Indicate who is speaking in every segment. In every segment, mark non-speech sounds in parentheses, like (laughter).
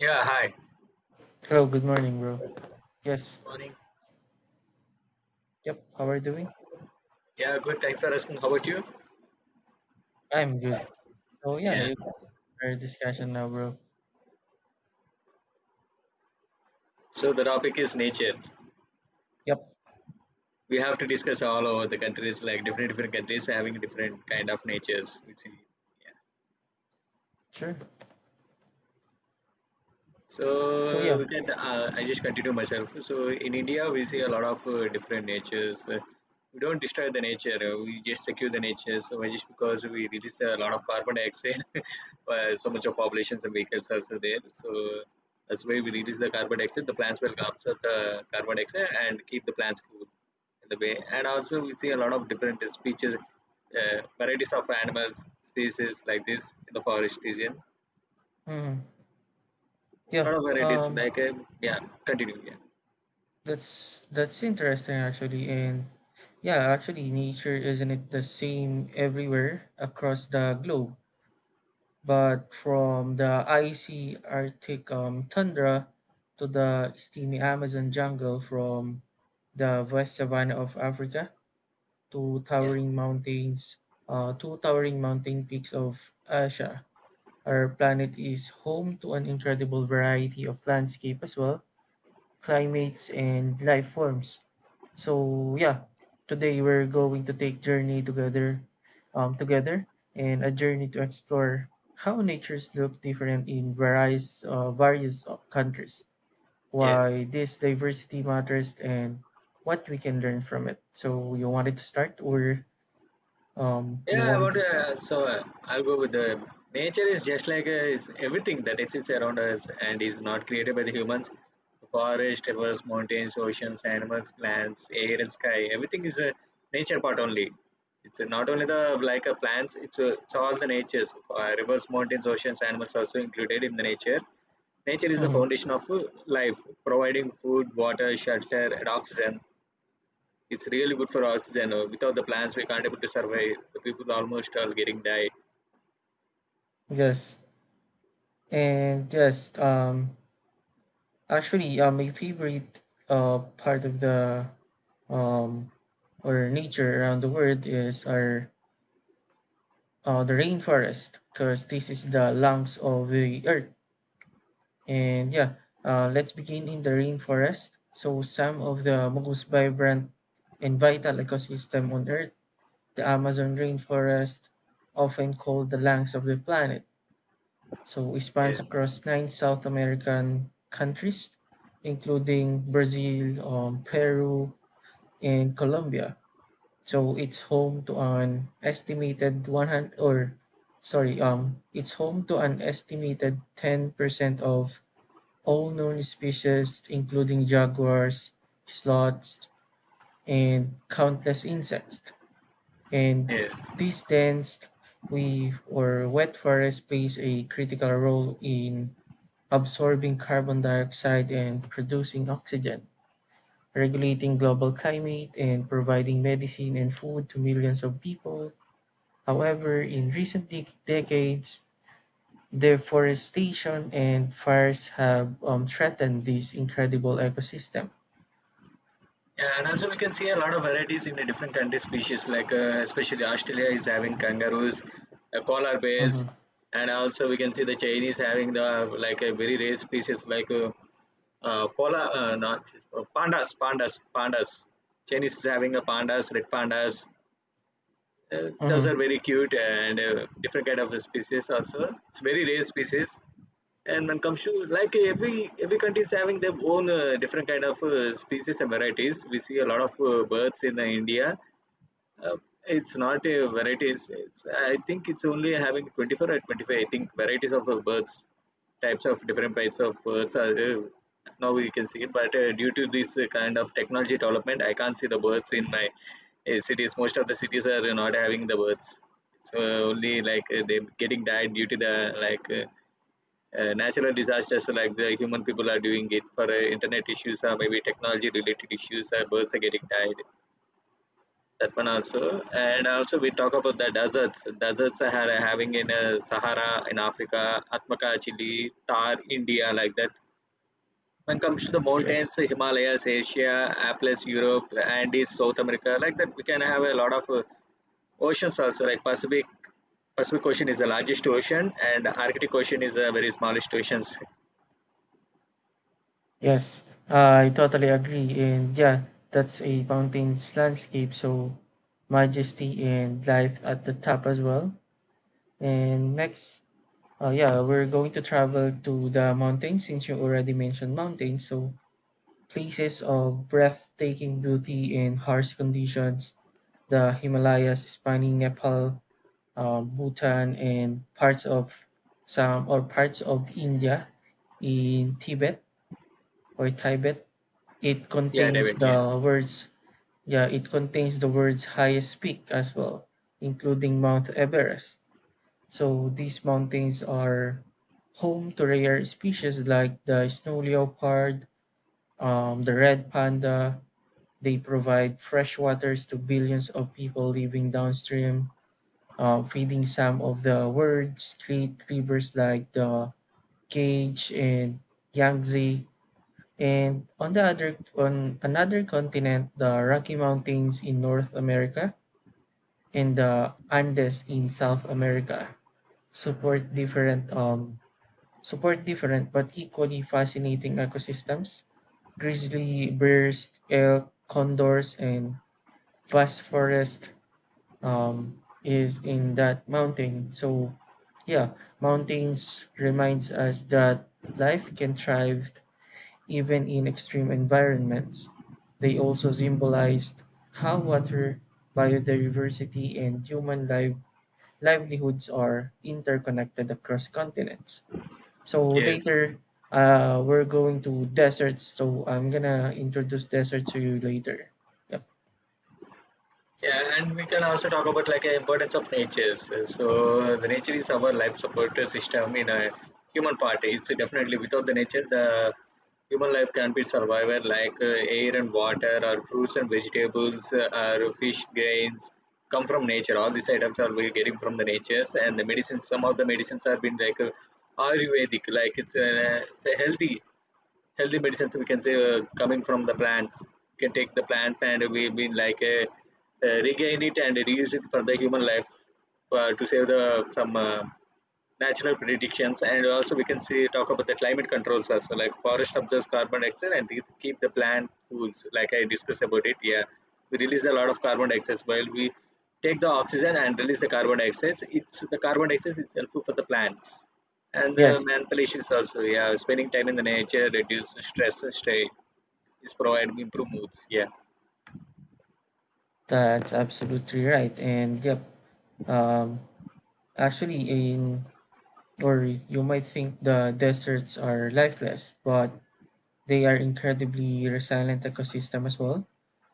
Speaker 1: Yeah, hi.
Speaker 2: Hello, good morning, bro. Yes.
Speaker 1: Morning.
Speaker 2: Yep. How are you doing?
Speaker 1: Yeah, good. Thanks for asking. How about you?
Speaker 2: I'm good. So yeah,
Speaker 1: Yeah.
Speaker 2: it's our discussion now, bro.
Speaker 1: So the topic is nature.
Speaker 2: Yep.
Speaker 1: We have to discuss all over the countries, like different countries having different kind of natures. We see.
Speaker 2: Sure. So
Speaker 1: So
Speaker 2: yeah.
Speaker 1: we can, I just continue myself. So in India, we see a lot of different natures. We don't destroy the nature. We just secure the nature. So why just because we release a lot of carbon dioxide, (laughs) so much of populations and vehicles are also there. So that's why we release the carbon dioxide. The plants will absorb the carbon dioxide and keep the plants cool in the way. And also we see a lot of different species, varieties of animals, species like this in the forest region
Speaker 2: hmm Yeah.
Speaker 1: lot of varieties. Yeah, continue. Yeah,
Speaker 2: That's interesting actually, and yeah, actually, nature isn't it the same everywhere across the globe? But from the icy Arctic tundra to the steamy Amazon jungle, from the west savanna of Africa two
Speaker 1: yeah,
Speaker 2: towering mountains, two towering mountain peaks of Asia. Our planet is home to an incredible variety of landscape as well, climates and life forms. So yeah, today we're going to take journey together, together and a journey to explore how natures look different in various countries,
Speaker 1: yeah.
Speaker 2: why this diversity matters, and what we can learn from it. So you wanted to start or you
Speaker 1: Yeah, I
Speaker 2: want me
Speaker 1: want
Speaker 2: to
Speaker 1: to.
Speaker 2: start?
Speaker 1: I'll go with the nature is just is everything that exists around us and is not created by the humans. Forest, rivers, mountains, oceans, animals, plants, air, and sky. Everything is a nature part only. It's not only the plants. It's all the natures. Rivers, mountains, oceans, animals also included in the nature. Nature is the
Speaker 2: hmm
Speaker 1: foundation of life, providing food, water, shelter, and oxygen. It's really good for oxygen. Without the plants, we can't able to survive. The people almost all getting died.
Speaker 2: Yes, and yes. Actually, my favorite part of the um or nature around the world is our the rainforest because this is the lungs of the earth. And yeah, let's begin in the rainforest. So some of the most vibrant and vital ecosystem on earth. The Amazon rainforest, often called the lungs of the planet, so it spans
Speaker 1: Yes,
Speaker 2: across nine South American countries, including Brazil, Peru, and Colombia. So it's home to an estimated 100 or sorry, it's home to an estimated 10% of all known species, including jaguars, sloths, and countless insects. And
Speaker 1: yes,
Speaker 2: these dense we or wet forests plays a critical role in absorbing carbon dioxide and producing oxygen, regulating global climate and providing medicine and food to millions of people. However, in recent decades, deforestation and fires have threatened this incredible ecosystem.
Speaker 1: Yeah, and also we can see a lot of varieties in the different country species, especially Australia is having kangaroos, polar bears,
Speaker 2: hmm
Speaker 1: and also we can see the Chinese having the like a very rare species like polar, not pandas, pandas, pandas. Chinese is having a pandas, red pandas. Those
Speaker 2: Mhm.
Speaker 1: are very cute and different kind of species also. It's very rare species. And when it comes to like every country is having their own different kind of species and varieties. We see a lot of birds in India, uh, it's not a varieties. It's, I think it's only having 24 or 25. I think varieties of birds, types of different types of birds are, uh, now we can see it. But due to this kind of technology development, I can't see the birds in my cities. Most of the cities are not having the birds. It's only they getting died due to the natural disasters like the human people are doing it for internet issues or maybe technology related issues, birds are getting died that one also. And also we talk about the deserts. Deserts are having in Sahara in Africa, Atmaka, Chile, Tar, India, like that. When it comes to the mountains,
Speaker 2: Yes.
Speaker 1: Himalayas Asia, Apples Europe, Andes South America, like that, we can have a lot of. Oceans also, like Pacific. Pacific Ocean is the largest ocean and Arctic Ocean is the very smallest oceans.
Speaker 2: Yes, I totally agree. And yeah, that's a mountain's landscape, so majesty and life at the top as well. And next, yeah, we're going to travel to the mountains since you already mentioned mountains. So places of breathtaking beauty and harsh conditions. The Himalayas spanning Nepal, Bhutan, and parts of some or parts of India in Tibet or Tibet, it
Speaker 1: Yeah,
Speaker 2: contains
Speaker 1: David, yeah.
Speaker 2: the words, yeah, it contains the words highest peak as well, including Mount Everest. So these mountains are home to rare species like the snow leopard, the red panda. They provide fresh waters to billions of people living downstream, feeding some of the world's great rivers like the Gage and Yangtze. And on the other on another continent, the Rocky Mountains in North America and the Andes in South America support different um support different but equally fascinating ecosystems. Grizzly bears, elk, condors, and vast forest is in that mountain. So yeah, mountains reminds us that life can thrive even in extreme environments, they also symbolized how water, biodiversity, and human life, livelihoods are interconnected across continents. So
Speaker 1: Yes.
Speaker 2: later, we're going to deserts. So I'm gonna introduce desert to you later. Yep.
Speaker 1: Yeah, and we can also talk about like the importance of nature. So the nature is our life support system in a human part. It's definitely without the nature, the human life can be survivor like air and water or fruits and vegetables, or fish grains come from nature. All these items are we getting from the natures and the medicines. Some of the medicines have been like Ayurvedic, like it's a healthy medicines we can say coming from the plants. We can take the plants and we been like regain it and reuse it for the human life, to save the some natural predictions. And also we can see talk about the climate controls also, like forest absorbs carbon dioxide and it keep the plant cool. So like I discussed about it, yeah, we release a lot of carbon dioxide while we take the oxygen and release the carbon dioxide. It's the carbon dioxide is helpful for the plants. And the
Speaker 2: Yes,
Speaker 1: mental issues also, yeah, spending time in the nature reduce stress strain. Is provide improve moods, yeah.
Speaker 2: that's absolutely right. And yep, um, actually, in or you might think the deserts are lifeless, but they are incredibly resilient ecosystem as well.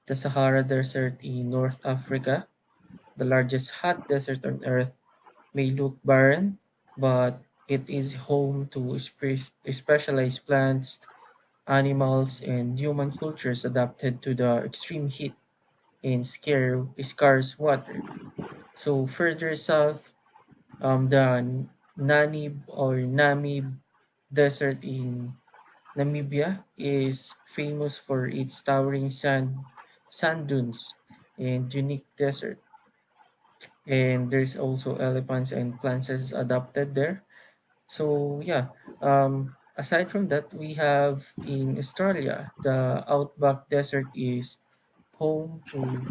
Speaker 2: The Sahara Desert in North Africa, the largest hot desert on Earth, may look barren, but it is home to specialized plants, animals, and human cultures adapted to the extreme heat and scarce water. So further south, um, the N- Namib or Namib Desert in Namibia is famous for its towering sand dunes and unique desert. And there's also elephants and plants adapted there. So yeah, aside from that, we have in Australia, the outback desert is home to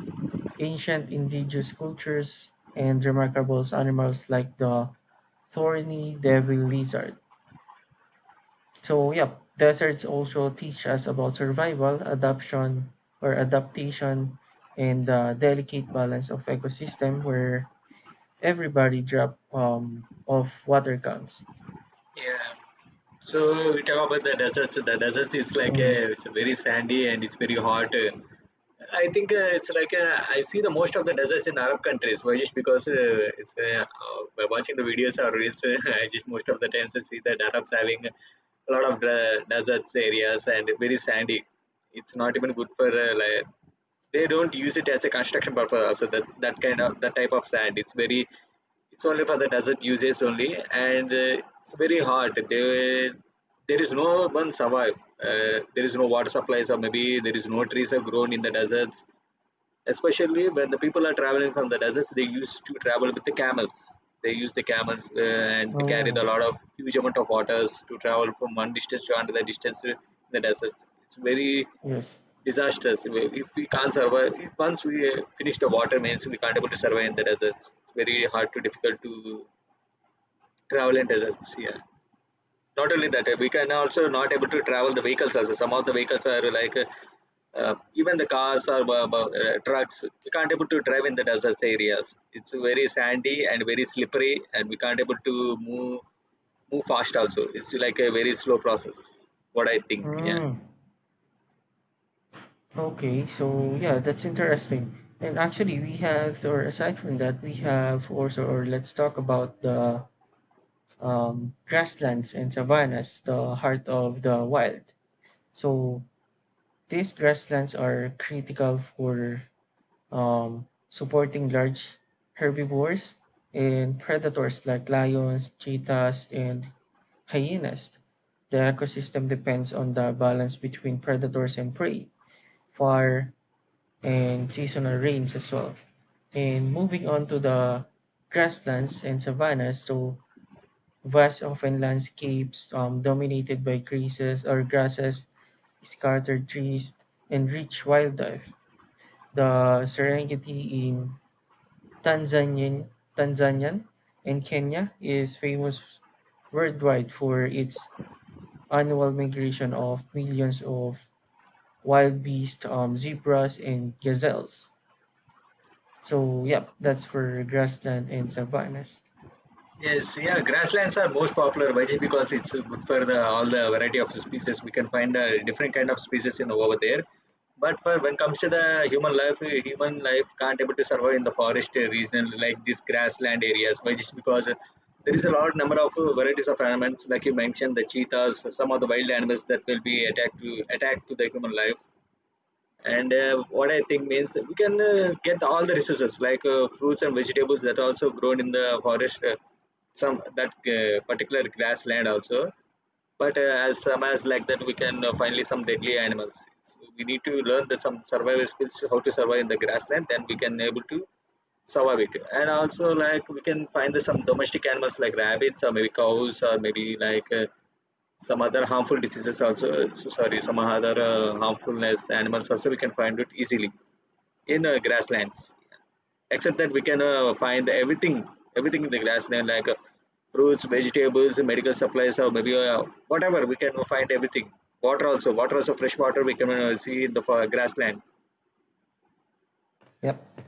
Speaker 2: ancient indigenous cultures and remarkable animals like the thorny devil lizard. So yeah, deserts also teach us about survival, adaption or adaptation, and the delicate balance of ecosystem where everybody drop of water comes.
Speaker 1: Yeah. So we talk about the deserts. The deserts is like
Speaker 2: hmm
Speaker 1: a it's a very sandy and it's very hot. I think it's like I see the most of the deserts in Arab countries. Why just because it's by watching the videos or reels, (laughs) I just most of the times I see that Arabs having a lot of deserts areas and very sandy. It's not even good for like they don't use it as a construction purpose. Also, that kind of that type of sand. It's very it's only for the desert uses only, and it's very hard. They there is no one survive. There is no water supplies, or maybe there is no trees are grown in the deserts, especially when the people are traveling from the deserts. They used to travel with the camels. They use the camels, and they carry a
Speaker 2: Oh
Speaker 1: lot of huge amount of waters to travel from one distance to another distance in the deserts. It's very
Speaker 2: yes.
Speaker 1: disastrous if we can't survive. If once we finish the water means we can't able to survive in the deserts. It's very hard to difficult to travel in deserts, yeah. Not only that, we can also not able to travel the vehicles also. Some of the vehicles are like even the cars or trucks. We can't able to drive in the desert areas. It's very sandy and very slippery, and we can't able to move fast also. It's like a very slow process. What I think, yeah.
Speaker 2: Mm, okay, so yeah, that's interesting. And actually, we have, or aside from that, we have also, or let's talk about the grasslands and savannas, the heart of the wild. So these grasslands are critical for supporting large herbivores and predators like lions, cheetahs, and hyenas. The ecosystem depends on the balance between predators and prey, fire, and seasonal rains as well. And moving on to the grasslands and savannas, so vast often landscapes dominated by grasses or grasses, scattered trees, and rich wildlife. The Serengeti in Tanzanian, Tanzanian and Kenya is famous worldwide for its annual migration of millions of wild beasts, zebras, and gazelles. So, yep, that's for grassland and savannas.
Speaker 1: Yes, yeah, grasslands are most popular. Why? Because it's good for the all the variety of species. We can find different kind of species in over there. But for when comes to the human life can't able to survive in the forest region like these grassland areas. Why? Just because there is a large number of varieties of animals, like you mentioned, the cheetahs, some of the wild animals that will be attack to the human life. And what I think means we can get all the resources like fruits and vegetables that also grown in the forest, some that particular grassland also. But as some as like that we can finally some deadly animals. We need to learn the some survival skills to how to survive in the grassland, then we can able to survive it. And also like we can find the some domestic animals like rabbits or maybe cows or maybe like some other harmful diseases also. So sorry, some other harmfulness animals also we can find it easily in grasslands. Except that we can find everything, everything in the grassland like fruits, vegetables, medical supplies, or maybe whatever, we can find everything. Water also, water also, fresh water we can see in the grassland,
Speaker 2: Yep.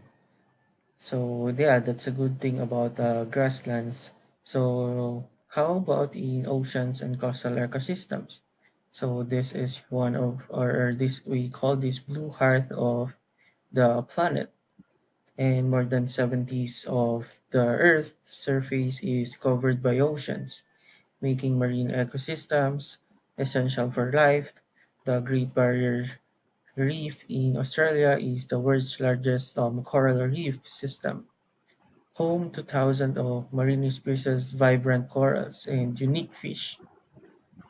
Speaker 2: So yeah, that's a good thing about grasslands. So how about in oceans and coastal ecosystems? So this is one of, or this we call this blue heart of the planet, and more than 70s of the Earth's surface is covered by oceans, making marine ecosystems essential for life. The Great Barrier Reef in Australia is the world's largest coral reef system home to thousands of marine species, vibrant corals, and unique fish.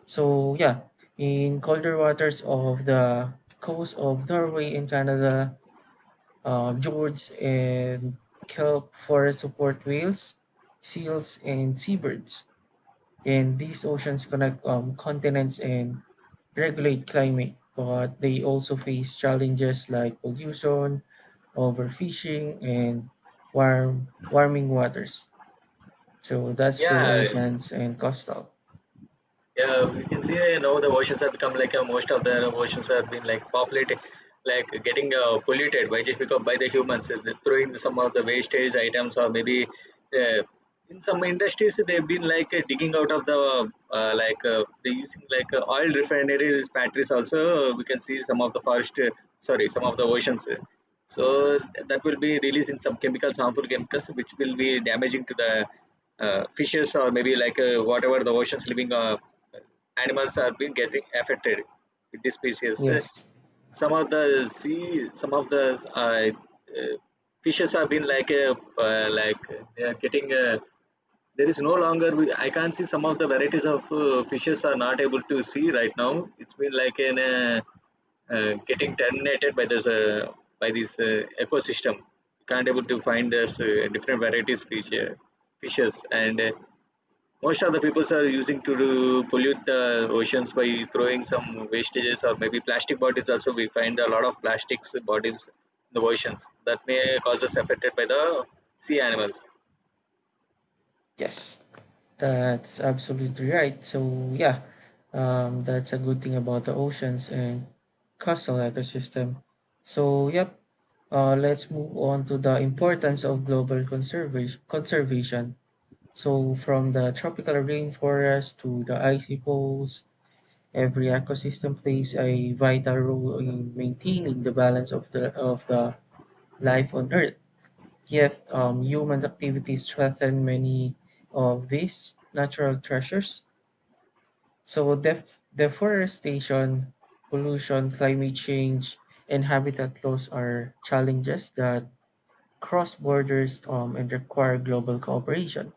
Speaker 2: So, yeah, in colder waters of the coast of Norway and Canada, George and kelp forests support whales, seals, and seabirds. And these oceans connect continents and regulate climate, but they also face challenges like pollution, overfishing, and warming waters. So that's for
Speaker 1: yeah.
Speaker 2: oceans and coastal.
Speaker 1: Yeah, we can see you now the oceans have become like most of the oceans have been like populated, like getting polluted by just because by the humans. Throwing some of the wastage items or maybe uh, in some industries they've been like digging out of the they're using like oil refineries factories also. We can see some of the forest, sorry, some of the oceans. So that will be releasing some chemicals, harmful chemicals, which will be damaging to the fishes or maybe like whatever the oceans living animals are being getting affected with this species.
Speaker 2: Yes.
Speaker 1: Some of the sea, some of the uh, uh, fishes have been like they are getting. There is no longer I can't see some of the varieties of fishes are not able to see right now. It's been like an getting terminated by this ecosystem. Can't able to find this different varieties fishes. And most of the peoples are using to pollute the oceans by throwing some wastages or maybe plastic bottles. Also we find a lot of plastics bottles in the oceans that may cause us affected by the sea animals.
Speaker 2: Yes, that's absolutely right. So yeah, that's a good thing about the oceans and coastal ecosystem. So yep, let's move on to the importance of global conservation. Conservation. So from the tropical rainforest to the icy poles, every ecosystem plays a vital role in maintaining the balance of the life on Earth. Yet, human activities threaten many of these natural treasures. So, deforestation, pollution, climate change, and habitat loss are challenges that cross borders and require global cooperation.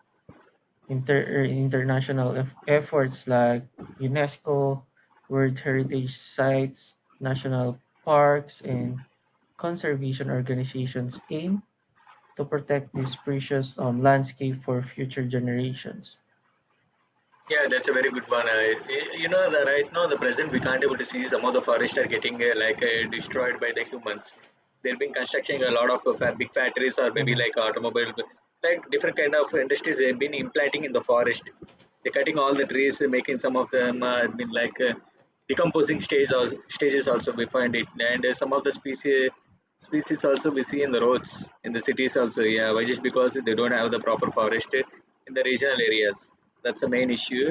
Speaker 2: International efforts like UNESCO, World Heritage Sites, national parks, and conservation organizations aim to protect this precious landscape for future generations.
Speaker 1: Yeah, that's a very good one. I, you know, the right now the present we can't able to see some of the forests are getting destroyed by the humans. They've been constructing a lot of big factories or maybe
Speaker 2: hmm
Speaker 1: like automobile like different kind of industries. They've been implanting in the forest. They're cutting all the trees, making some of them. Decomposing stage or stages also we find it, and some of the species also we see in the roads in the cities also. Yeah, why just because they don't have the proper forest in the regional areas. That's the main issue.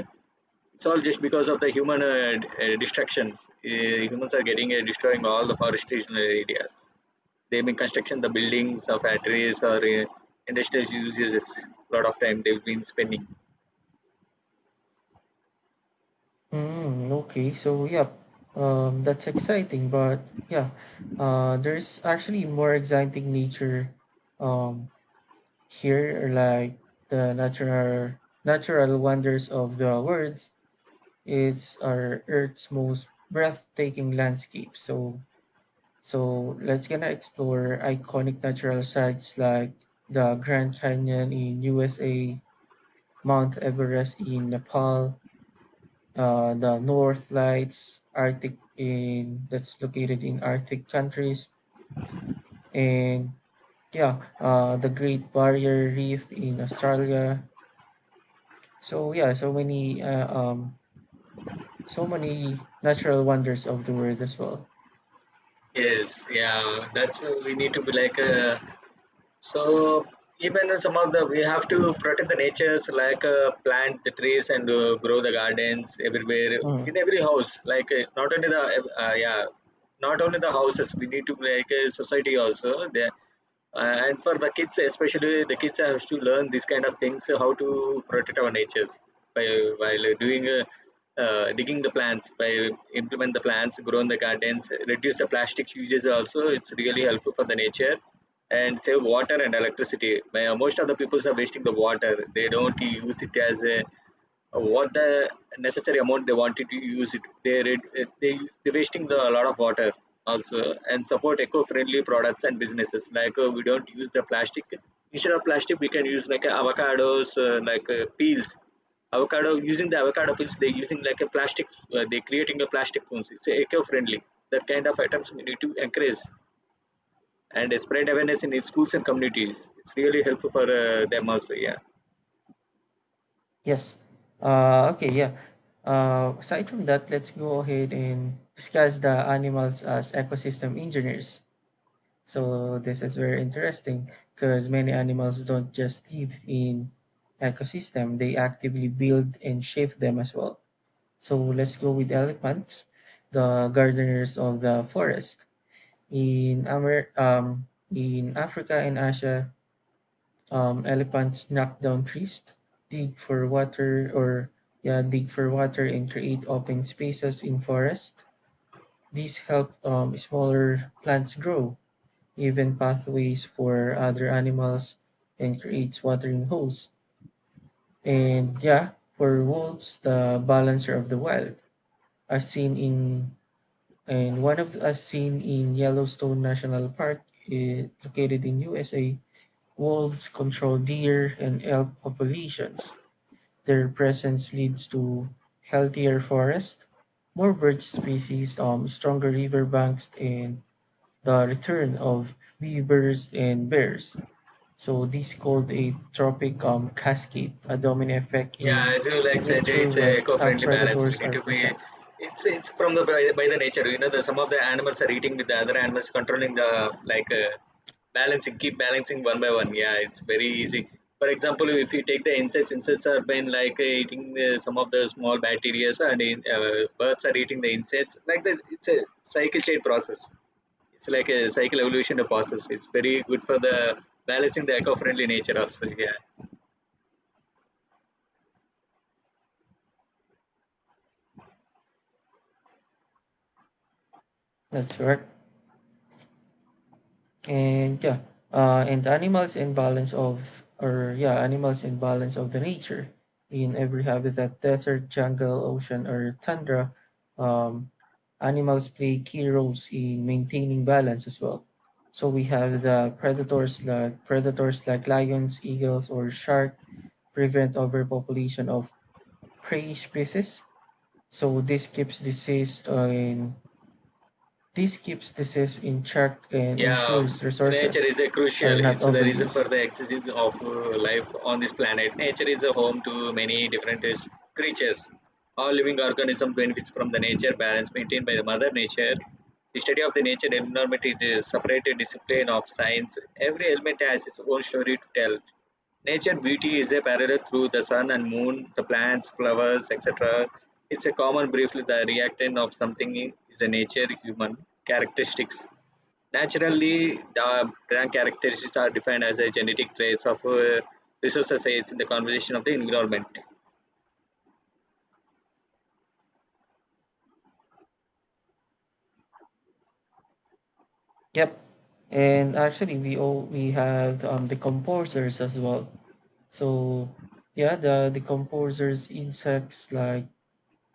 Speaker 1: It's all just because of the human destructions. Humans are getting destroying all the forest regional areas. They've been construction the buildings of factories or industrial uses a lot of time they've been spending.
Speaker 2: Mm, okay, so yeah, that's exciting, but yeah, there's actually more exciting nature um, here, like the natural wonders of the world. It's our Earth's most breathtaking landscape. So, so let's gonna explore iconic natural sites like the Grand Canyon in USA, Mount Everest in Nepal, the North Lights, Arctic in that's located in Arctic countries, and yeah, the Great Barrier Reef in Australia. So yeah, so many, so many natural wonders of the world as well.
Speaker 1: Yes, yeah, that's we need to be like so. Even some of the we have to protect the natures, like plant the trees and grow the gardens everywhere
Speaker 2: Mhm.
Speaker 1: in every house. Not only the houses, we need to like society also. There And for the kids, especially the kids have to learn these kind of things how to protect our natures by while doing digging the plants by implement the plants grow in the gardens, reduce the plastic uses. Also, it's really helpful for the nature, and save water and electricity. Most of the people are wasting the water, they don't use it as a what the necessary amount they wanted to use it. They they're wasting the, a lot of water also, and support eco-friendly products and businesses. Like we don't use the plastic, instead of plastic we can use like avocados like peels. Avocado, using the avocado peels, they're using like a plastic. They're creating a plastic phones, it's eco-friendly. That kind of items we need to encourage and spread awareness in schools and communities. It's really helpful for them also, yeah.
Speaker 2: Yes. Okay. Yeah. Aside from that, let's go ahead and discuss the animals as ecosystem engineers. So this is very interesting because many animals don't just live in ecosystem, they actively build and shape them as well. So let's go with elephants, the gardeners of the forest. In Amer- um, in Africa and Asia, elephants knock down trees, dig for water or yeah, dig for water and create open spaces in forest. These help smaller plants grow even pathways for other animals, and creates watering holes. And yeah, for wolves, the balancer of the wild, as seen in as seen in Yellowstone National Park, located in USA, wolves control deer and elk populations. Their presence leads to healthier forest, more bird species, stronger river banks, and the return of beavers and bears. So this called a tropic cascade, a domino effect
Speaker 1: Yeah,
Speaker 2: in
Speaker 1: as you like said,
Speaker 2: nature
Speaker 1: it's a
Speaker 2: when top
Speaker 1: eco-friendly balance. We
Speaker 2: predators
Speaker 1: need
Speaker 2: are
Speaker 1: to be.
Speaker 2: present.
Speaker 1: It's from the by the nature. You know, the some of the animals are eating with the other animals, controlling the like uh, balancing, keep balancing one by one. Yeah, it's very easy. For example, if you take the insects, insects are been like eating the, some of the small bacteria, and birds are eating the insects. Like this, it's a cycle chain process. It's like a cycle evolution process. It's very good for the balancing the eco-friendly nature also. Yeah.
Speaker 2: That's correct. And yeah, and animals and balance of or yeah, animals and balance of the nature in every habitat, desert, jungle, ocean, or tundra. Um, animals play key roles in maintaining balance as well. So we have the predators like lions, eagles, or shark prevent overpopulation of prey species. So this keeps disease in check and
Speaker 1: Yeah,
Speaker 2: ensures
Speaker 1: nature
Speaker 2: resources
Speaker 1: is a
Speaker 2: are
Speaker 1: crucial.
Speaker 2: not
Speaker 1: It's the reason for
Speaker 2: overused.
Speaker 1: the existence of life on this planet. Nature is a home to many different creatures. All living organism benefits from the nature balance maintained by the mother nature. The study of the nature environment is a separated discipline of science. Every element has its own story to tell. Nature beauty is a parallel through the sun and moon, the plants, flowers, etc. It's a common briefly the reactant of something is a nature human characteristics. Naturally, the brand characteristics are defined as a genetic traits of resources aids in the conservation of the environment.
Speaker 2: Yep. And actually we have the composers as well. So yeah, the composers insects like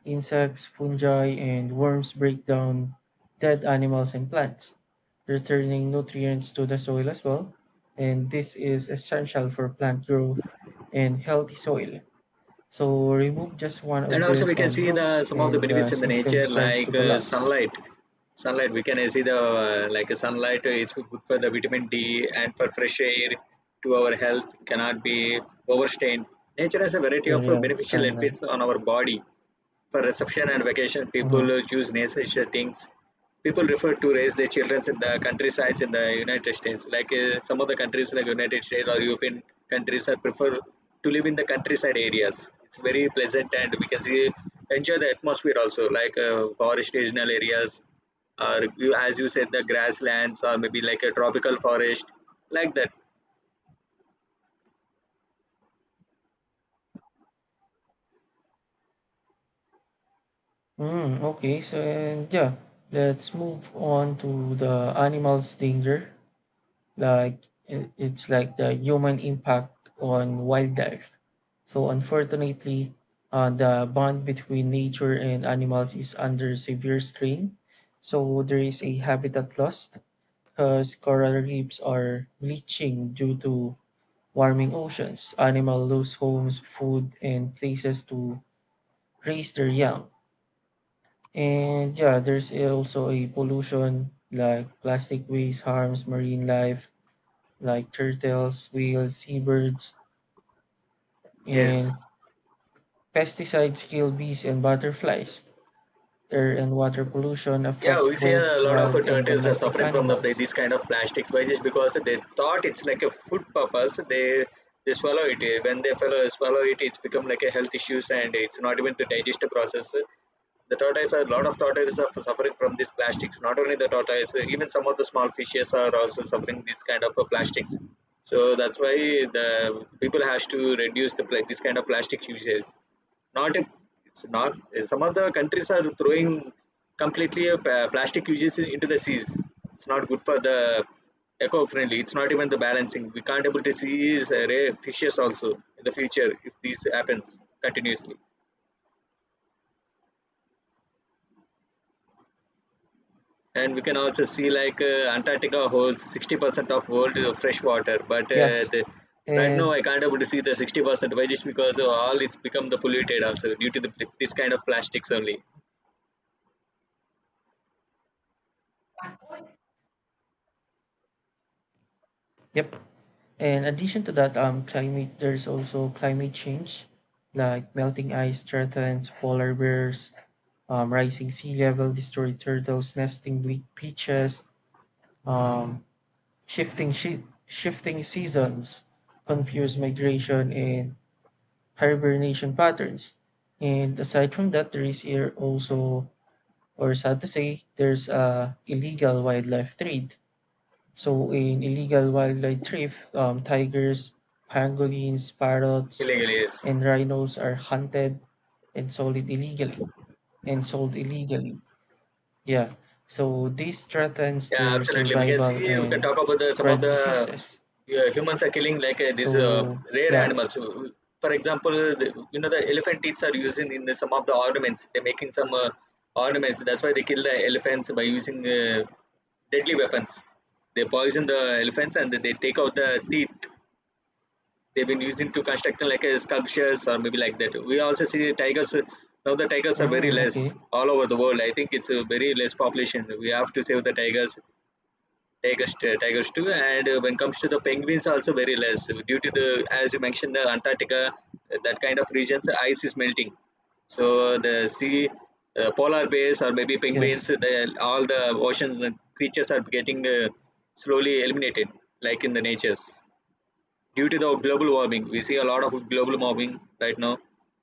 Speaker 2: Insects, fungi, and worms break down dead animals and plants, returning nutrients to the soil as well. And this is essential for plant growth and healthy soil. So remove just one of
Speaker 1: And also, we
Speaker 2: these
Speaker 1: can see the
Speaker 2: groups,
Speaker 1: some of the
Speaker 2: and the
Speaker 1: benefits in the
Speaker 2: system
Speaker 1: nature,
Speaker 2: starts to
Speaker 1: like
Speaker 2: collapse.
Speaker 1: sunlight. Sunlight, we can see the sunlight is good for the vitamin D and for fresh air to our health cannot be overstrained. Nature has a variety of
Speaker 2: Yeah,
Speaker 1: beneficial
Speaker 2: sunlight.
Speaker 1: benefits on our body. For reception and vacation,
Speaker 2: Mhm.
Speaker 1: people choose nice things. People prefer to raise their children in the countrysides in the United States. Like some of the countries, like United States or European countries, are prefer to live in the countryside areas. It's very pleasant, and we can see enjoy the atmosphere also, like forest regional areas, or you, as you said, the grasslands, or maybe like a tropical forest, like that.
Speaker 2: Mm, okay, so and yeah, let's move on to the animals' danger. It's like the human impact on wildlife. So unfortunately, the bond between nature and animals is under severe strain. So there is a habitat loss because coral reefs are bleaching due to warming oceans. Animal lose homes, food, and places to raise their young. And yeah, there's also a pollution like plastic waste harms marine life like turtles, whales, seabirds,
Speaker 1: Yes.
Speaker 2: and pesticides kill bees and butterflies. Air and water pollution
Speaker 1: Yeah,
Speaker 2: affect
Speaker 1: we see a
Speaker 2: both
Speaker 1: lot of
Speaker 2: wild and
Speaker 1: turtles are
Speaker 2: domestic
Speaker 1: suffering from the
Speaker 2: animals.
Speaker 1: these kind of plastic spices because they thought it's like a food purpose. They swallow it. When they follow, swallow it, it's become like a health issues and it's not even the digestive process. The tortoise, a lot of tortoises are suffering from these plastics. Not only the tortoise, even some of the small fishes are also suffering these kind of plastics. So that's why the people has to reduce the this kind of plastic uses. Not a, it's not Some other countries are throwing completely a plastic uses into the seas. It's not good for the eco-friendly, it's not even the balancing. We can't able to see is rare fishes also in the future if this happens continuously. And we can also see like antarctica holds 60% of world fresh water, but
Speaker 2: Yes,
Speaker 1: the right now
Speaker 2: and
Speaker 1: I can't able to see the 60%. Why just because of all it's become the polluted also due to the, this kind of plastics only.
Speaker 2: yep. In addition to that, climate there's also climate change, like melting ice threatens polar bears, rising sea level destroy turtles nesting beaches, um, shifting seasons confuse migration and hibernation patterns. And aside from that, there is here also, or sad to say, there's illegal wildlife trade. So in illegal wildlife trade, tigers, pangolins, parrots,
Speaker 1: Illegally, yes.
Speaker 2: and rhinos are hunted and sold it illegally and sold illegally. Yeah. So this threatens
Speaker 1: Yeah,
Speaker 2: their
Speaker 1: absolutely. We can
Speaker 2: survival
Speaker 1: see, we can
Speaker 2: and
Speaker 1: talk about the, some of
Speaker 2: spread
Speaker 1: the
Speaker 2: diseases.
Speaker 1: humans are killing like these
Speaker 2: So
Speaker 1: rare
Speaker 2: yeah.
Speaker 1: animals. For example, the, you know the elephant teeth are using in the, some of the ornaments. They're making some ornaments. That's why they kill the elephants by using deadly weapons. They poison the elephants and they take out the teeth. They've been using to construct like sculptures or maybe like that. We also see tigers. Now the tigers are very
Speaker 2: Mm,
Speaker 1: less
Speaker 2: okay.
Speaker 1: all over the world. I think it's a very less population. We have to save the tigers. Tigers, tigers too. And when it comes to the penguins, also very less due to the, as you mentioned, the Antarctica, that kind of regions, the ice is melting. So the sea, polar bears or maybe penguins,
Speaker 2: Yes.
Speaker 1: the, all the ocean creatures are getting slowly eliminated, like in the natures, due to the global warming. We see a lot of global warming right now.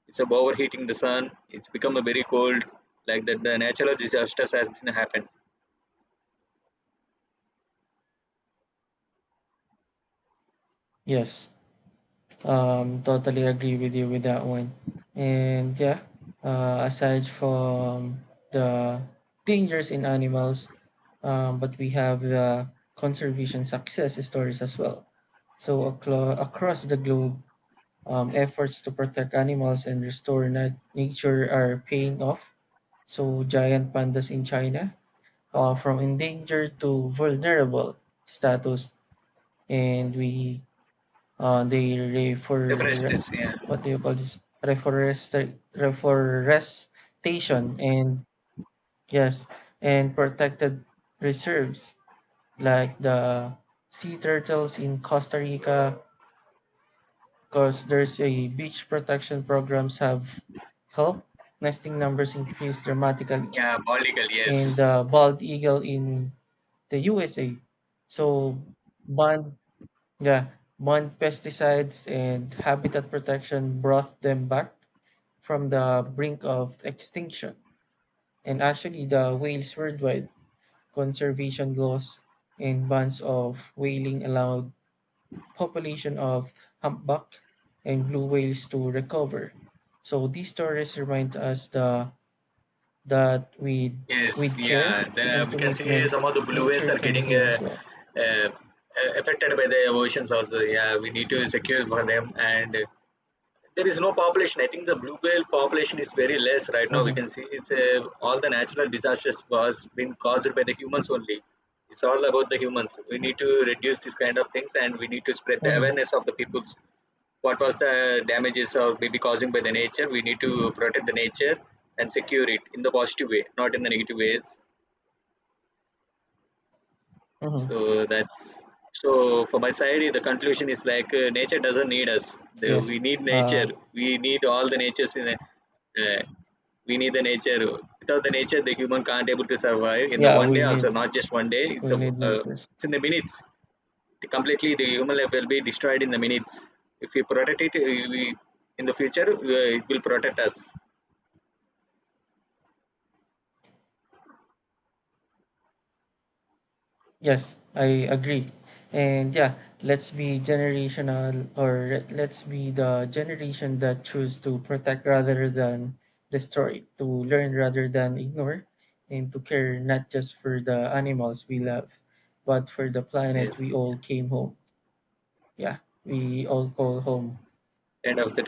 Speaker 1: It's about overheating the sun. It's become a very cold, like that. The natural disasters has been happened.
Speaker 2: Yes. Totally agree with you with that one. And yeah, aside from the dangers in animals, but we have the conservation success stories as well. So across the globe, efforts to protect animals and restore nature are paying off. So giant pandas in China, from endangered to vulnerable status, and we they refer
Speaker 1: Deforestation, yeah,
Speaker 2: what do you call this reforest reforestation and yes and protected reserves like the sea turtles in Costa Rica because there's a beach protection programs have helped nesting numbers increase dramatically
Speaker 1: yeah, biological,
Speaker 2: and
Speaker 1: yes.
Speaker 2: the bald eagle in the USA so bond Yeah, Mon pesticides and habitat protection brought them back from the brink of extinction. And actually, the whales worldwide conservation laws and bans of whaling allowed population of humpback and blue whales to recover. So these stories remind us that
Speaker 1: Yes,
Speaker 2: with care
Speaker 1: yeah. Then
Speaker 2: and
Speaker 1: we can see
Speaker 2: commitment,
Speaker 1: some of the blue whales
Speaker 2: nature
Speaker 1: are
Speaker 2: can
Speaker 1: getting
Speaker 2: heal as well.
Speaker 1: uh, uh, affected by the oceans also. Yeah, we need to secure for them, and there is no population. I think the blue whale population is very less right now. We can
Speaker 2: hmm
Speaker 1: see it's all the natural disasters was been caused by the humans only. It's all about the humans. We need to reduce this kind of things, and we need to spread the
Speaker 2: hmm
Speaker 1: awareness of the peoples. What was the damages or maybe causing by the nature? We need to protect the nature and secure it in the positive way, not in the negative ways.
Speaker 2: hmm
Speaker 1: So that's, so for my side, the conclusion is like nature doesn't need us. The,
Speaker 2: Yes.
Speaker 1: we need
Speaker 2: Uh,
Speaker 1: nature. We need all the natures in. A, uh, we need the nature. Without the nature, the human can't able to survive. In the
Speaker 2: yeah,
Speaker 1: one day, also not just one day. It's
Speaker 2: we
Speaker 1: a
Speaker 2: need mentors.
Speaker 1: it's in the minutes. Completely, the human life will be destroyed in the minutes. If we protect it, in the future it will protect us.
Speaker 2: Yes, I agree. And yeah, let's be generational or let's be the generation that choose to protect rather than destroy, to learn rather than ignore, and to care not just for the animals we love, but for the planet
Speaker 1: Yes.
Speaker 2: we all came home. Yeah, we all call home.
Speaker 1: End of the